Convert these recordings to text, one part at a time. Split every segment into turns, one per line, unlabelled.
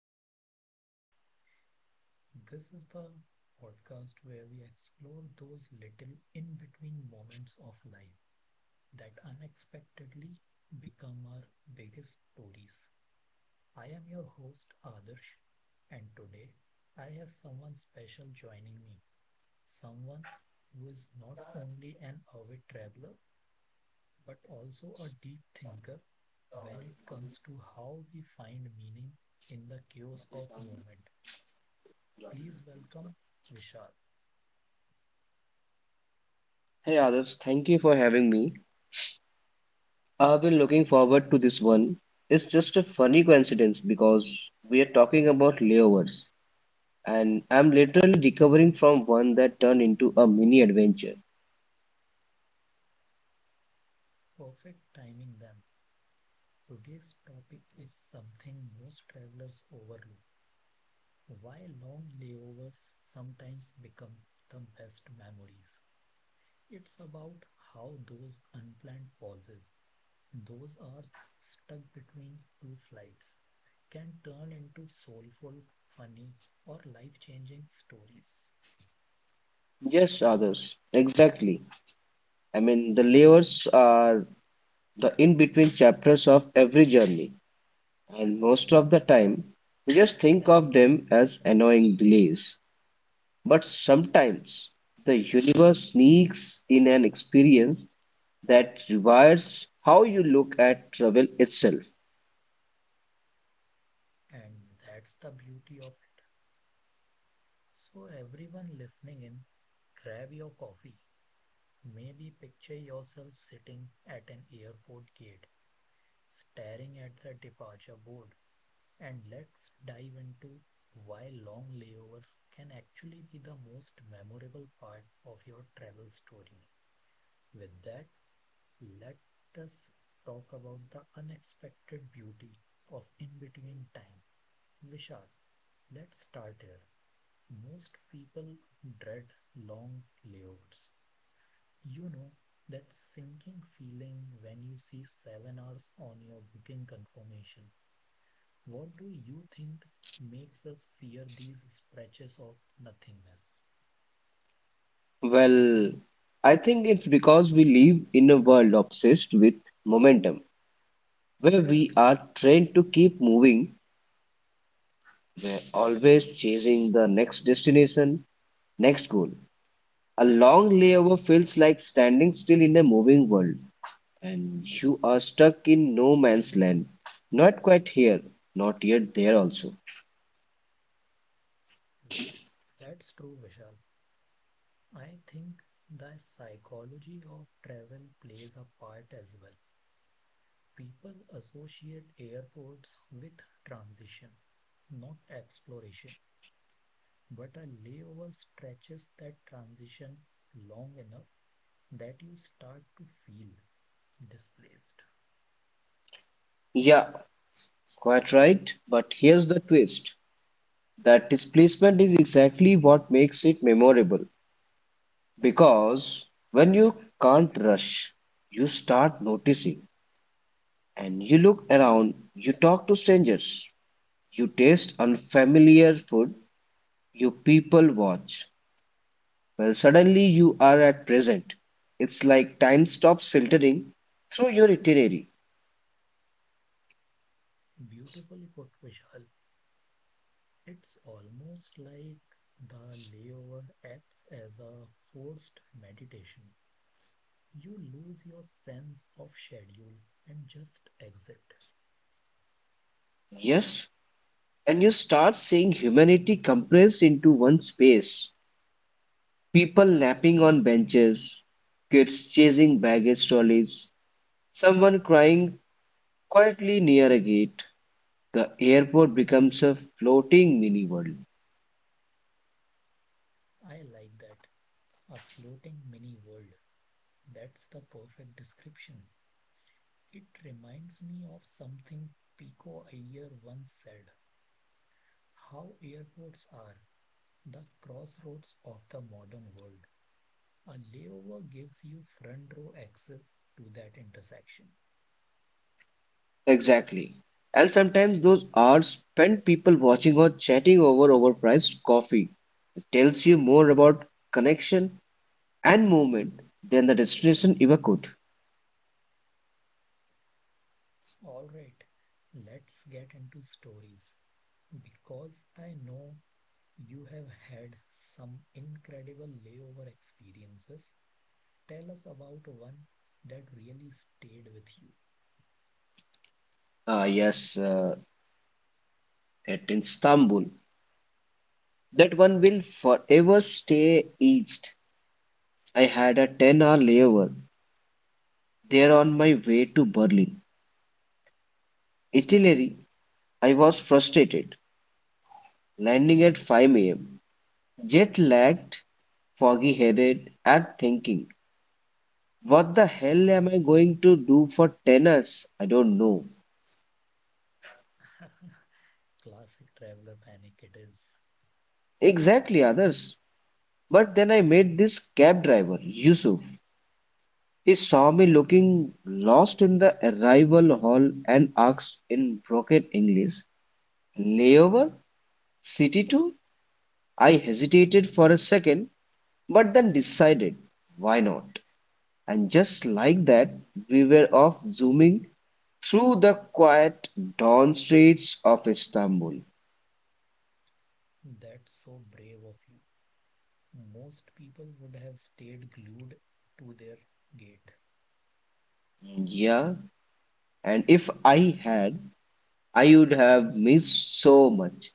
to our podcast. This is the podcast where we explore those little in between moments of life that unexpectedly become our biggest stories. I am your host, Adarsh, and today I have someone special joining me. Someone who is not only an avid traveler, but also a deep thinker when it comes to how we find meaning in the chaos of movement. Please welcome Vishal.
Hey Adarsh, thank you for having me. I've been looking forward to this one. It's just a funny coincidence because we are talking about layovers, and I'm literally recovering from one that turned into a mini adventure.
Perfect timing then. Today's topic is something most travelers overlook. Why long layovers sometimes become the best memories. It's about how those unplanned pauses Those are stuck between two flights can turn into soulful, funny, or life changing stories.
Yes, Adarsh, exactly. I mean, the layovers are the in-between chapters of every journey, and most of the time, we just think of them as annoying delays. But sometimes, the universe sneaks in an experience that rewires how you look at travel itself.
And that's the beauty of it. So, everyone listening in, grab your coffee. Maybe picture yourself sitting at an airport gate, staring at the departure board, and let's dive into why long layovers can actually be the most memorable part of your travel story. With that, let us talk about the unexpected beauty of in between time. Vishal, let's start here. Most people dread long layouts. You know, that sinking feeling when you see 7 hours on your booking confirmation. What do you think makes us fear these stretches of nothingness?
Well, I think it's because we live in a world obsessed with momentum, where we are trained to keep moving. We're always chasing the next destination, next goal. A long layover feels like standing still in a moving world, and you are stuck in no man's land. Not quite here, not yet there also.
That's, that's true, Vishal. I think the psychology of travel plays a part as well. People associate airports with transition, not exploration. But a layover stretches that transition long enough that you start to feel displaced.
Yeah, quite right. But here's the twist. That displacement is exactly what makes it memorable because when you can't rush, you start noticing, and you look around, you talk to strangers, you taste unfamiliar food, you people watch. Well, suddenly you are at present. It's like time stops filtering through your itinerary.
Beautifully put, Vishal. It's almost like the layover acts as a forced meditation. You lose your sense of schedule and just exit.
Yes, and you start seeing humanity compressed into one space. People napping on benches, kids chasing baggage trolleys, someone crying quietly near a gate. The airport becomes a floating mini world.
I like that. A floating mini world. That's the perfect description. It reminds me of something Pico Iyer once said, how airports are the crossroads of the modern world. A layover gives you front row access to that intersection.
Exactly. And sometimes those hours spent people watching or chatting over overpriced coffee tells you more about connection and movement than the destination ever could.
All right, let's get into stories. Because I know you have had some incredible layover experiences, tell us about one that really stayed with you.
Ah, yes, at Istanbul. That one will forever stay etched. I had a 10-hour layover there on my way to Berlin. Italy, I was frustrated, landing at 5 a.m., jet lagged, foggy headed, and thinking, what the hell am I going to do for 10 hours? I don't know.
Classic traveler panic it is.
Exactly, others. But then I met this cab driver, Yusuf. He saw me looking lost in the arrival hall and asked in broken English, layover? City 2? I hesitated for a second, but then decided, why not? And just like that, we were off zooming through the quiet dawn streets of Istanbul.
That's so brave of you. Most people would have stayed glued to their gate.
Yeah, and if I had, I would have missed so much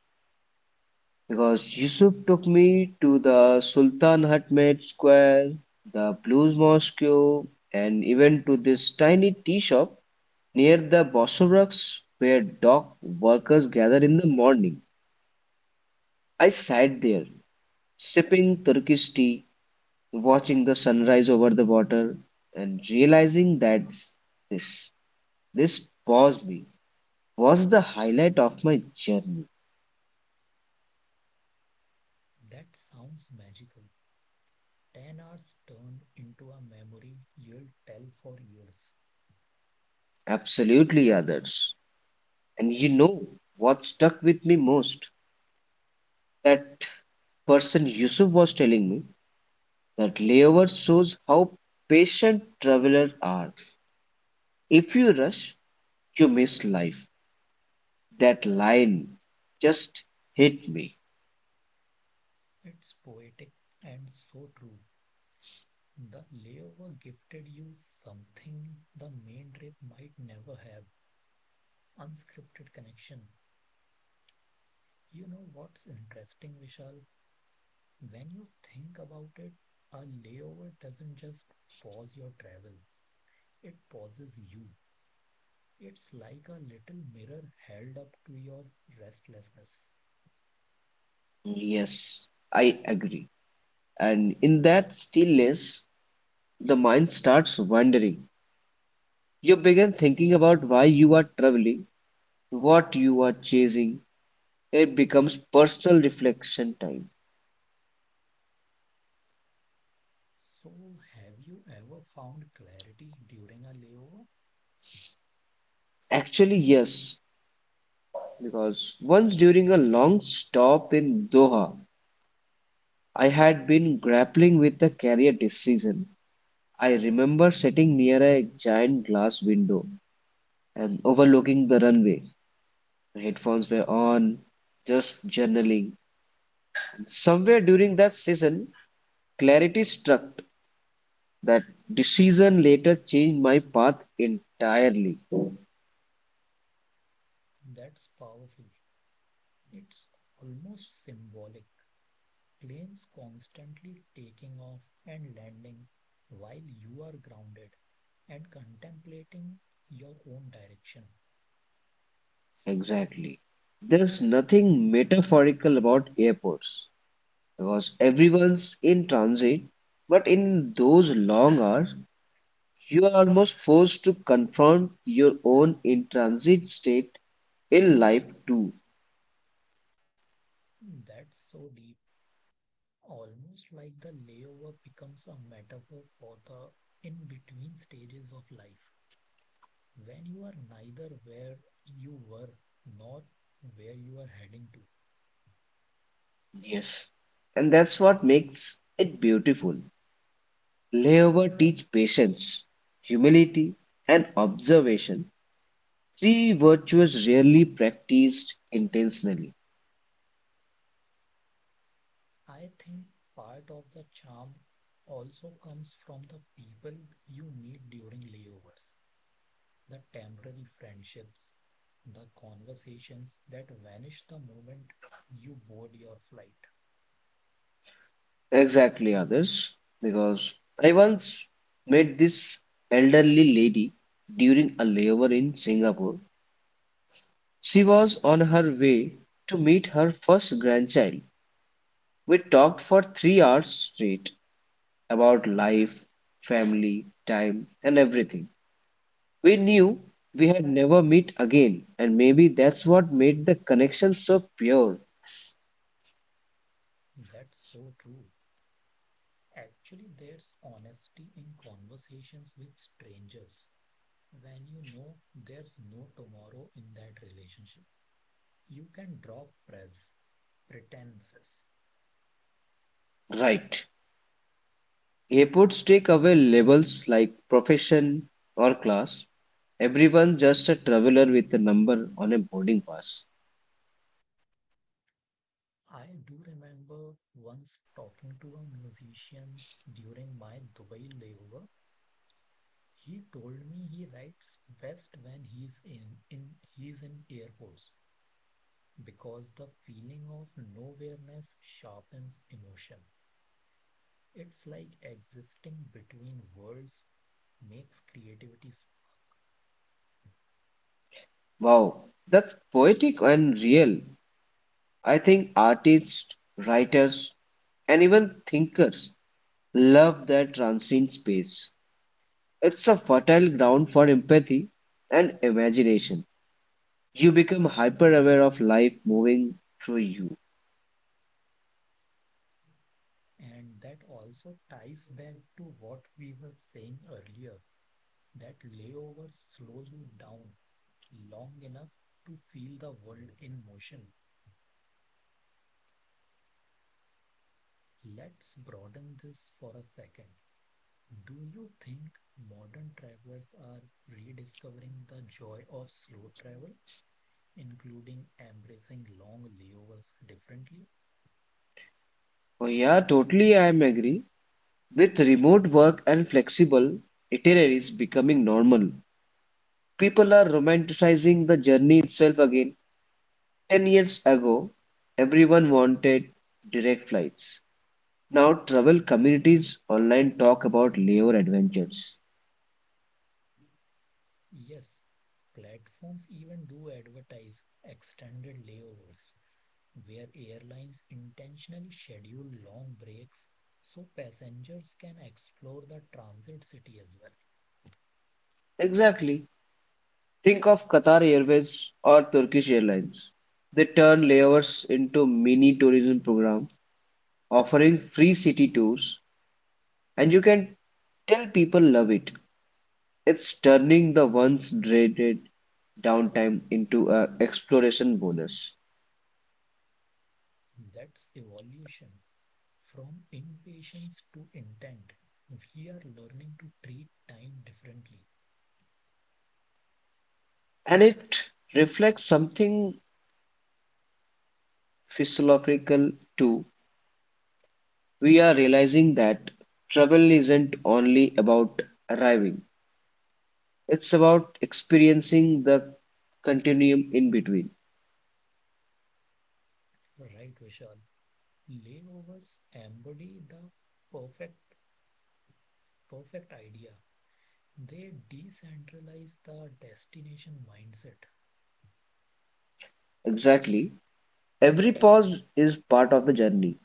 because Yusuf took me to the Sultan Ahmed Square, the Blues Mosque, and even to this tiny tea shop near the Bosporus where dock workers gather in the morning. I sat there sipping Turkish tea, watching the sunrise over the water, and realizing that this this paused me was the highlight of my journey.
That sounds magical. 10 hours turned into a memory you'll tell for years.
Absolutely others. And you know what stuck with me most? That person Yusuf was telling me that layover shows how patient travelers are. If you rush, you miss life. That line just hit me.
It's poetic and so true. The layover gifted you something the main trip might never have, unscripted connection. You know what's interesting, Vishal? When you think about it, a layover doesn't just pause your travel, it pauses you. It's like a little mirror held up to your restlessness.
Yes, I agree. And in that stillness, the mind starts wandering. You begin thinking about why you are traveling, what you are chasing. It becomes personal reflection time.
So, have you ever found clarity during a layover?
Actually, yes, because once during a long stop in Doha, I had been grappling with a career decision. I remember sitting near a giant glass window and overlooking the runway. My headphones were on, just journaling. Somewhere during that season, clarity struck. That decision later changed my path entirely.
That's powerful. It's almost symbolic. Planes constantly taking off and landing while you are grounded and contemplating your own direction.
Exactly. There's nothing metaphorical about airports because everyone's in transit, but in those long hours, you are almost forced to confront your own in transit state in life too.
Hmm, that's so deep. Almost like the layover becomes a metaphor for the in between stages of life, when you are neither where you were nor where you are heading to.
Yes. And that's what makes it beautiful. Layover teach patience, humility, and observation. Three virtues rarely practiced intentionally.
I think part of the charm also comes from the people you meet during layovers, the temporary friendships, the conversations that vanish the moment you board your flight.
Exactly, others. Because I once met this elderly lady during a layover in Singapore. She was on her way to meet her first grandchild. We talked for 3 hours straight about life, family, time, and everything. We knew we had never meet again, and maybe that's what made the connection so pure.
That's so true. Actually, there's honesty in conversations with strangers. When you know there's no tomorrow in that relationship, you can drop press, pretenses.
Right. Airports take away labels like profession or class. Everyone just a traveler with a number on a boarding pass.
I do remember once talking to a musician during my Dubai layover. He told me he writes best when he's in air holes because the feeling of nowhereness sharpens emotion. It's like existing between worlds makes creativity, s-
Wow, that's poetic and real. I think artists, writers, and even thinkers love that transient space. It's a fertile ground for empathy and imagination. You become hyper aware of life moving through you.
and that also ties back to what we were saying earlier, that layover slows you down long enough to feel the world in motion. Let's broaden this for a second. Do you think modern travelers are rediscovering the joy of slow travel, including embracing long layovers differently?
Oh, yeah, totally, I'm agree. With remote work and flexible itineraries becoming normal, people are romanticizing the journey itself again. 10 years ago, everyone wanted direct flights. Now, travel communities online talk about layover adventures.
Yes, platforms even do advertise extended layovers where airlines intentionally schedule long breaks so passengers can explore the transit city as well.
Exactly. Think of Qatar Airways or Turkish Airlines. They turn layovers into mini tourism programs, offering free city tours, and you can tell people love it. It's turning the once dreaded downtime into an exploration bonus.
That's evolution from impatience to intent. We are learning to treat time differently.
And it reflects something philosophical too. We are realizing that travel isn't only about arriving, it's about experiencing the continuum in between.
Right, Vishal? Layovers embody the perfect perfect idea. They decentralize the destination mindset.
Exactly. Every pause is part of the journey,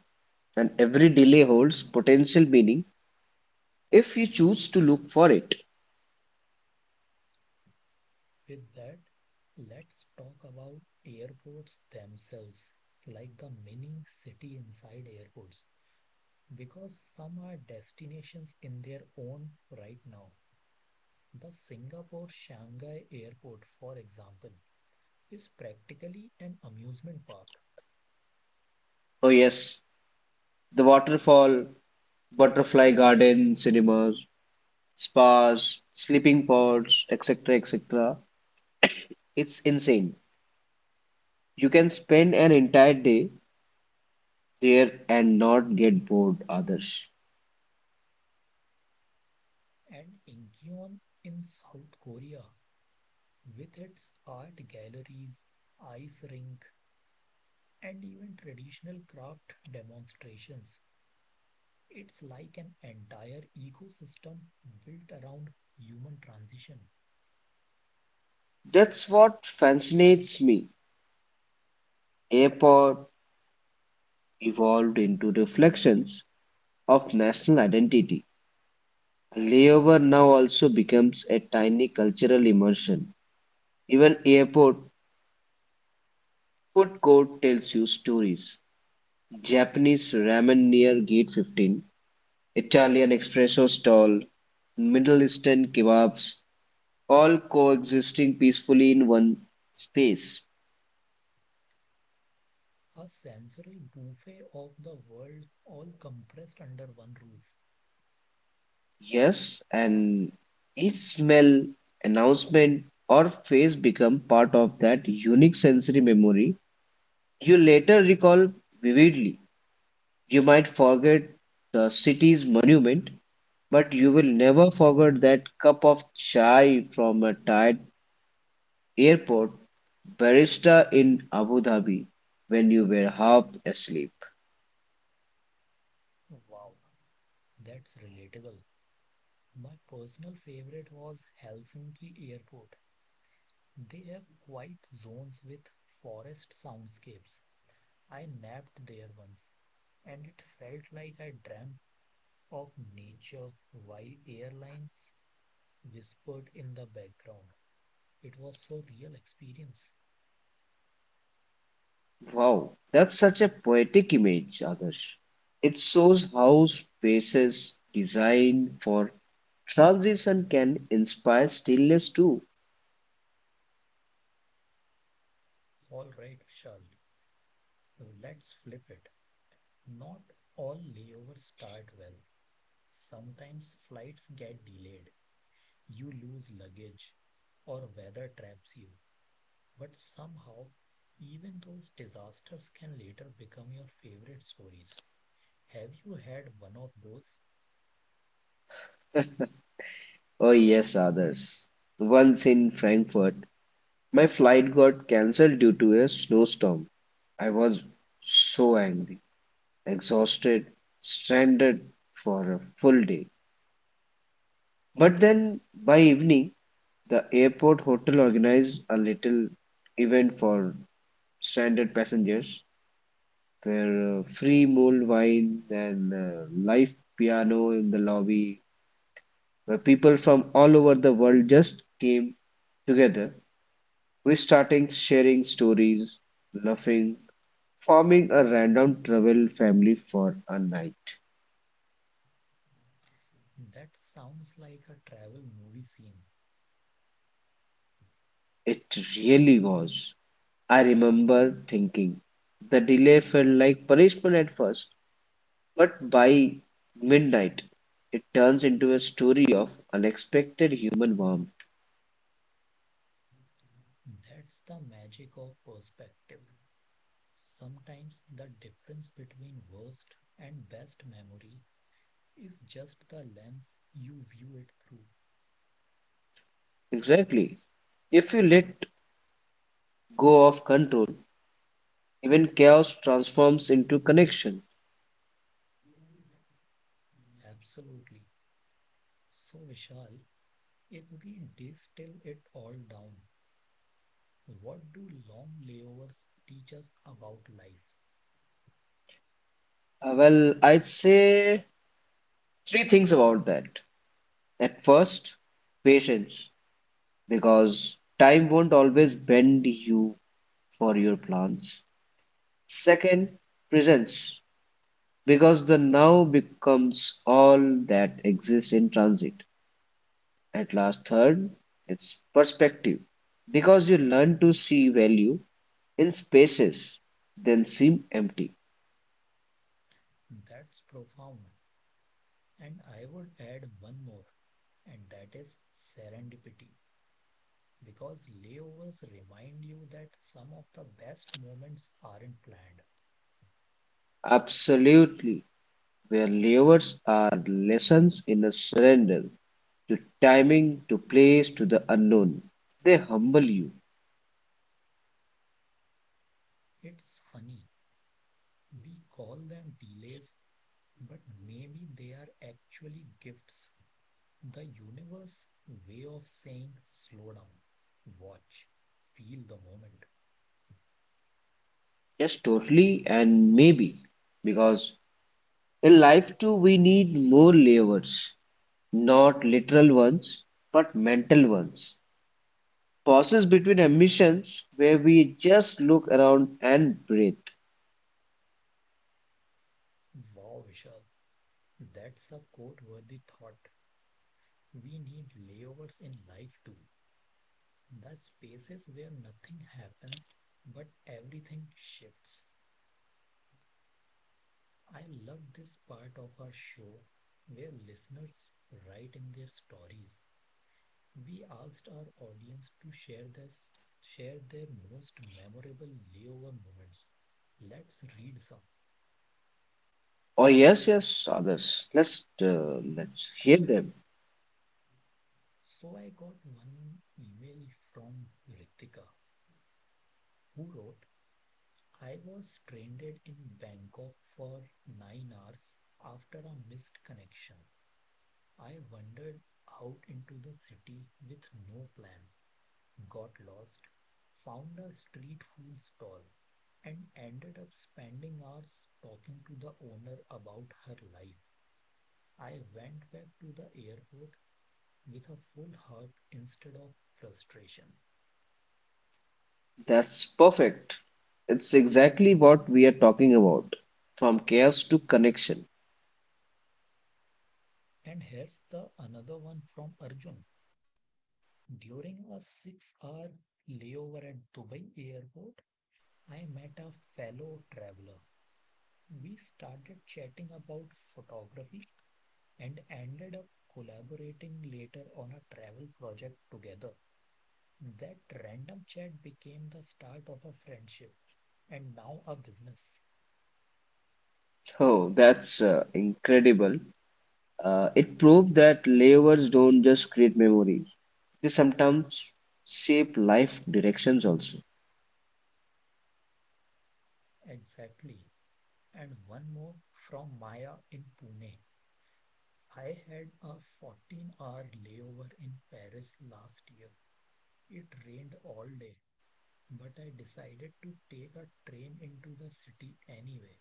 and every delay holds potential meaning if you choose to look for it.
With that, let's talk about airports themselves, like the mini city inside airports, because some are destinations in their own right now. The Singapore Shanghai Airport, for example, is practically an amusement park,
Oh, yes, the waterfall, butterfly garden cinemas, spas, sleeping pods, etc. etc. It's insane. You can spend an entire day there and not get bored others.
and Incheon in South Korea, with its art galleries, ice rink, and even traditional craft demonstrations. It's like an entire ecosystem built around human transition,
That's what fascinates me. Airport evolved into reflections of national identity. Layover now also becomes a tiny cultural immersion. Even airport food court tells you stories. Japanese ramen near Gate 15, Italian espresso stall, Middle Eastern kebabs, all coexisting peacefully in one space.
a sensory buffet of the world all compressed under one roof.
Yes, and each smell, announcement, or face become part of that unique sensory memory you later recall vividly. You might forget the city's monument, but you will never forget that cup of chai from a tired airport barista in Abu Dhabi when you were half asleep.
Wow, that's relatable. My personal favorite was Helsinki Airport. They have quiet zones with forest soundscapes. I napped there once, and it felt like I dreamt of nature while airlines whispered in the background. It was so real experience.
Wow, that's such a poetic image, Adarsh. It shows how spaces designed for transition can inspire stillness too.
All right, Vishal. Let's flip it. Not all layovers start well. Sometimes flights get delayed. You lose luggage or weather traps you. But somehow, even those disasters can later become your favorite stories. Have you had one of those?
Oh, yes, Adarsh. Once in Frankfurt, my flight got cancelled due to a snowstorm. I was so angry, exhausted, stranded for a full day. But then by evening, the airport hotel organized a little event for stranded passengers, where free mulled wine and live piano in the lobby, where people from all over the world just came together, restarting, sharing stories, laughing, forming a random travel family for a night.
That sounds like a travel movie scene.
It really was. I remember thinking the delay felt like punishment at first, but by midnight, it turns into a story of unexpected human warmth.
That's the magic of perspective. Sometimes the difference between worst and best memory is just the lens you view it through.
Exactly. If you let go of control, even chaos transforms into connection.
Absolutely. So, Vishal, if we distill it all down, what do long layovers teach us about life?
I'd say three things about that. At first, patience, because time won't always bend you for your plans. Second, presence, because the now becomes all that exists in transit. At last, third, it's perspective. Because you learn to see value in spaces that seem empty.
That's profound. And I would add one more, and that is serendipity. Because layovers remind you that some of the best moments aren't planned.
Absolutely. Where layers are lessons in a surrender to timing, to place, to the unknown. They humble you.
It's funny. We call them delays, but maybe they are actually gifts. The universe way of saying slow down, watch, feel the moment.
Yes, totally and maybe. Because in life too, we need more layers. Not literal ones, but mental ones. Pauses between emissions where we just look around and breathe.
Wow, Vishal, that's a quote worthy thought. We need layovers in life too. The spaces where nothing happens, but everything shifts. I love this part of our show where listeners write in their stories. We asked our audience to share this, share their most memorable layover moments. Let's read some.
Oh yes, yes, others. Let's hear them.
So I got one email from Ritika who wrote, I was stranded in Bangkok for 9 hours after a missed connection. I wandered out into the city with no plan, got lost, found a street food stall, and ended up spending hours talking to the owner about her life. I went back to the airport with a full heart instead of frustration.
That's perfect. It's exactly what we are talking about. From chaos to connection.
And here's the another one from Arjun. During a 6 hour layover at Dubai airport, I met a fellow traveler. We started chatting about photography and ended up collaborating later on a travel project together. That random chat became the start of a friendship and now a business.
Oh, that's incredible. It proved that layovers don't just create memories. They sometimes shape life directions also.
Exactly. And one more from Maya in Pune. I had a 14-hour layover in Paris last year. It rained all day, but I decided to take a train into the city anyway.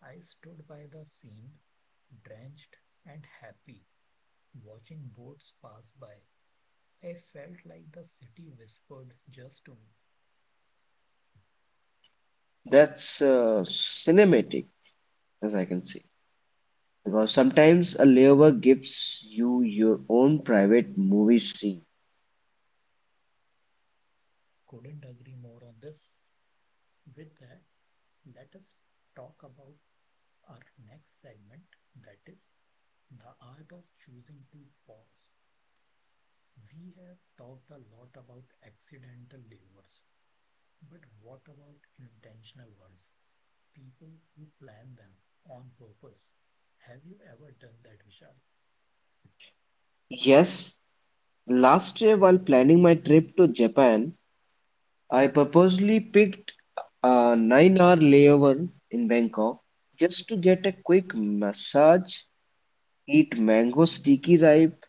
I stood by the scene, drenched and happy, watching boats pass by, I felt like the city whispered just to me.
That's cinematic, as I can say. Because sometimes a layover gives you your own private movie scene.
Couldn't agree more on this. With that, let us talk about our next segment, that is the art of choosing to pause. We have talked a lot about accidental waivers, but what about intentional ones? People who plan them on purpose. Have you ever done that, Vishal?
Yes, last year while planning my trip to Japan, I purposely picked a 9-hour layover in Bangkok just to get a quick massage, eat mango sticky ripe,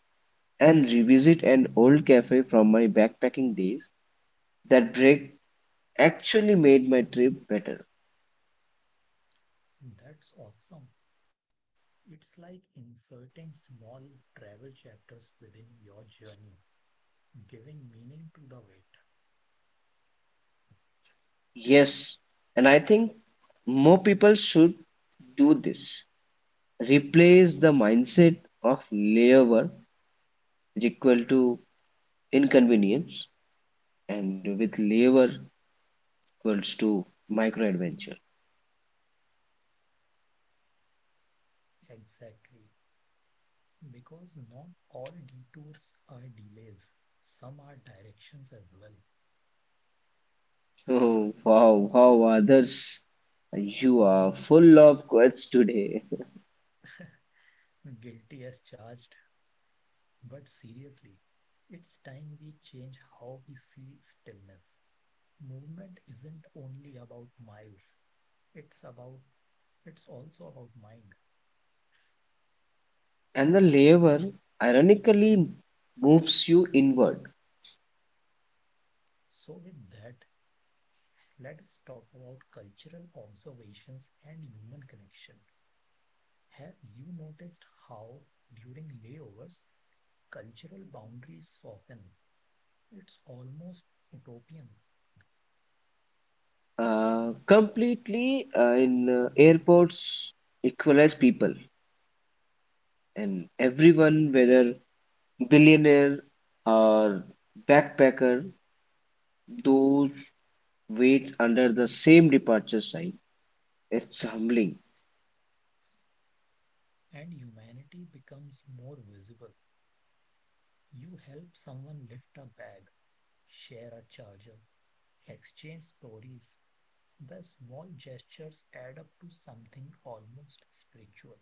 and revisit an old cafe from my backpacking days. That break actually made my trip better.
That's awesome. It's like inserting small travel chapters within your journey, giving meaning to the wait.
Yes, and I think more people should do this. Replace the mindset of labor is equal to inconvenience and with labor equals to micro adventure.
Exactly. Because not all detours are delays, some are directions as well.
Oh wow, wow others, you are full of quotes today.
Guilty as charged, but seriously, it's time we change how we see stillness. Movement isn't only about miles, it's about it's also about mind.
And the labor ironically moves you inward.
So with that, let us talk about cultural observations and human connection. Have you noticed how, during layovers, cultural boundaries soften? It's almost utopian,
Completely in airports equalize people and everyone whether billionaire or backpacker those waits under the same departure sign. It's humbling.
and humanity becomes more visible. You help someone lift a bag, share a charger, exchange stories. The small gestures add up to something almost spiritual.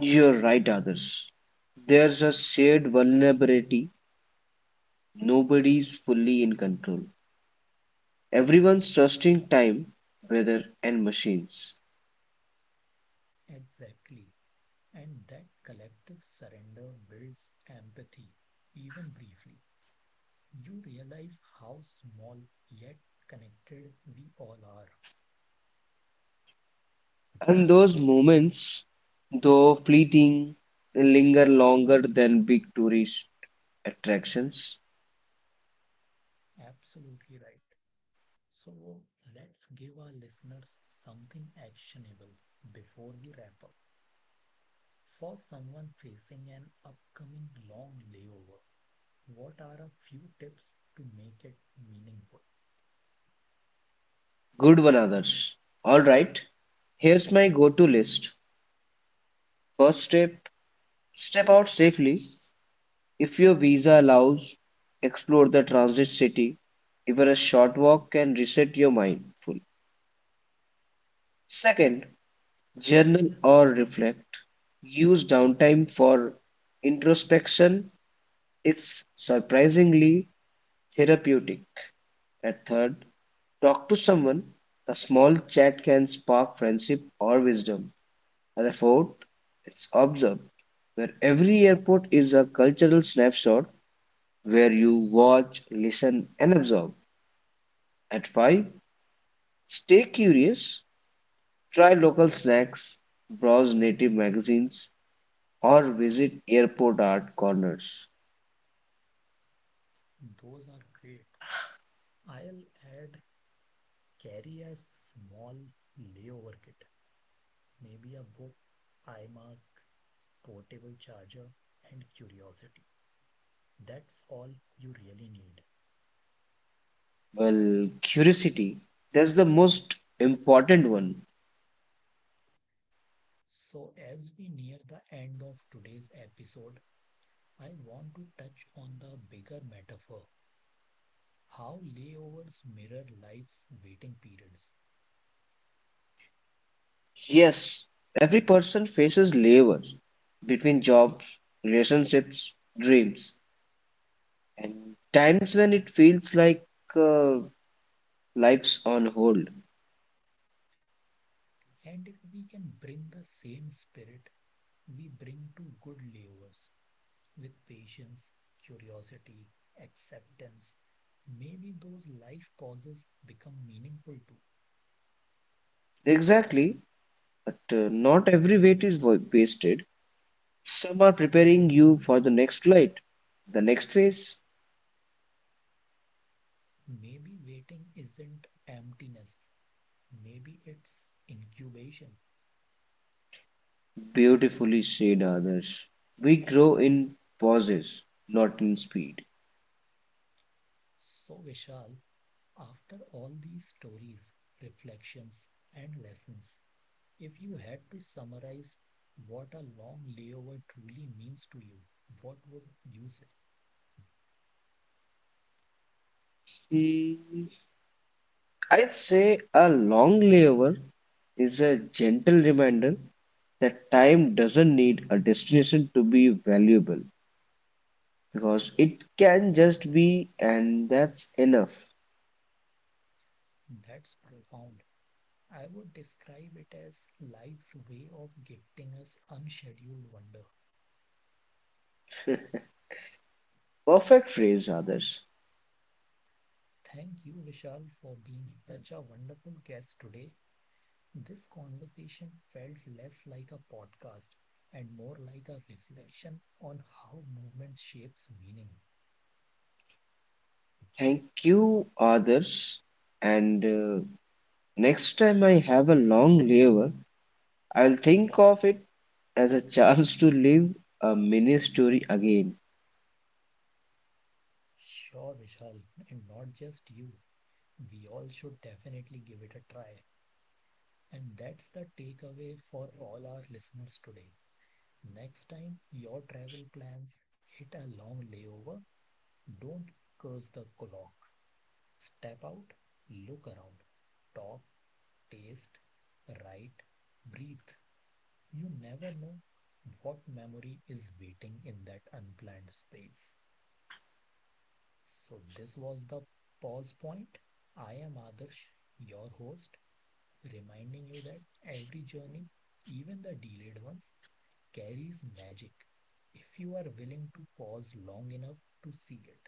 You're right, others. There's a shared vulnerability. Nobody's fully in control. Everyone's trusting time, weather, and machines.
Exactly. And that collective surrender builds empathy, even briefly. You realize how small yet connected we all are.
And those moments, though fleeting, linger longer than big tourist attractions.
Absolutely right. So let's give our listeners something actionable before we wrap up. For someone facing an upcoming long layover, what are a few tips to make it meaningful?
Good one, others. All right, here's my go to list. First step, step out safely. If your visa allows, explore the transit city. Even a short walk can reset your mindful. Second, journal or reflect. Use downtime for introspection. It's surprisingly therapeutic. And third, talk to someone. A small chat can spark friendship or wisdom. And the fourth, it's observe where every airport is a cultural snapshot where you watch, listen, and absorb. At 5, stay curious, try local snacks, browse native magazines, or visit airport art corners.
Those are great. I'll add, carry a small layover kit. Maybe a book, eye mask, portable charger, and curiosity. That's all you really need.
Well, curiosity, that's the most important one.
So, as we near the end of today's episode, I want to touch on the bigger metaphor, how layovers mirror life's waiting periods.
Yes, every person faces layers between jobs, relationships, dreams, and times when it feels like uh, life's on hold.
And if we can bring the same spirit we bring to good layovers with patience, curiosity, acceptance, maybe those life pauses become meaningful too.
Exactly, but not every weight is wasted. Some are preparing you for the next flight, the next phase.
Maybe waiting isn't emptiness, maybe it's incubation.
Beautifully said, others. We grow in pauses, not in speed.
So, Vishal, after all these stories, reflections, and lessons, if you had to summarize what a long layover truly means to you, what would you say?
Mm, I'd say a long layover is a gentle reminder that time doesn't need a destination to be valuable because it can just be, and that's enough.
That's profound. I would describe it as life's way of gifting us unscheduled wonder.
Perfect phrase, others.
Thank you, Vishal, for being such a wonderful guest today. This conversation felt less like a podcast and more like a reflection on how movement shapes meaning.
Thank you, others. And Next time I have a long layover, I'll think of it as a chance to live a mini story again.
Sure, Vishal, and not just you. We all should definitely give it a try. And that's the takeaway for all our listeners today. Next time your travel plans hit a long layover, don't curse the clock. Step out, look around, talk, taste, write, breathe. You never know what memory is waiting in that unplanned space. So, this was the pause point. I am Adarsh, your host, reminding you that every journey, even the delayed ones, carries magic if you are willing to pause long enough to see it.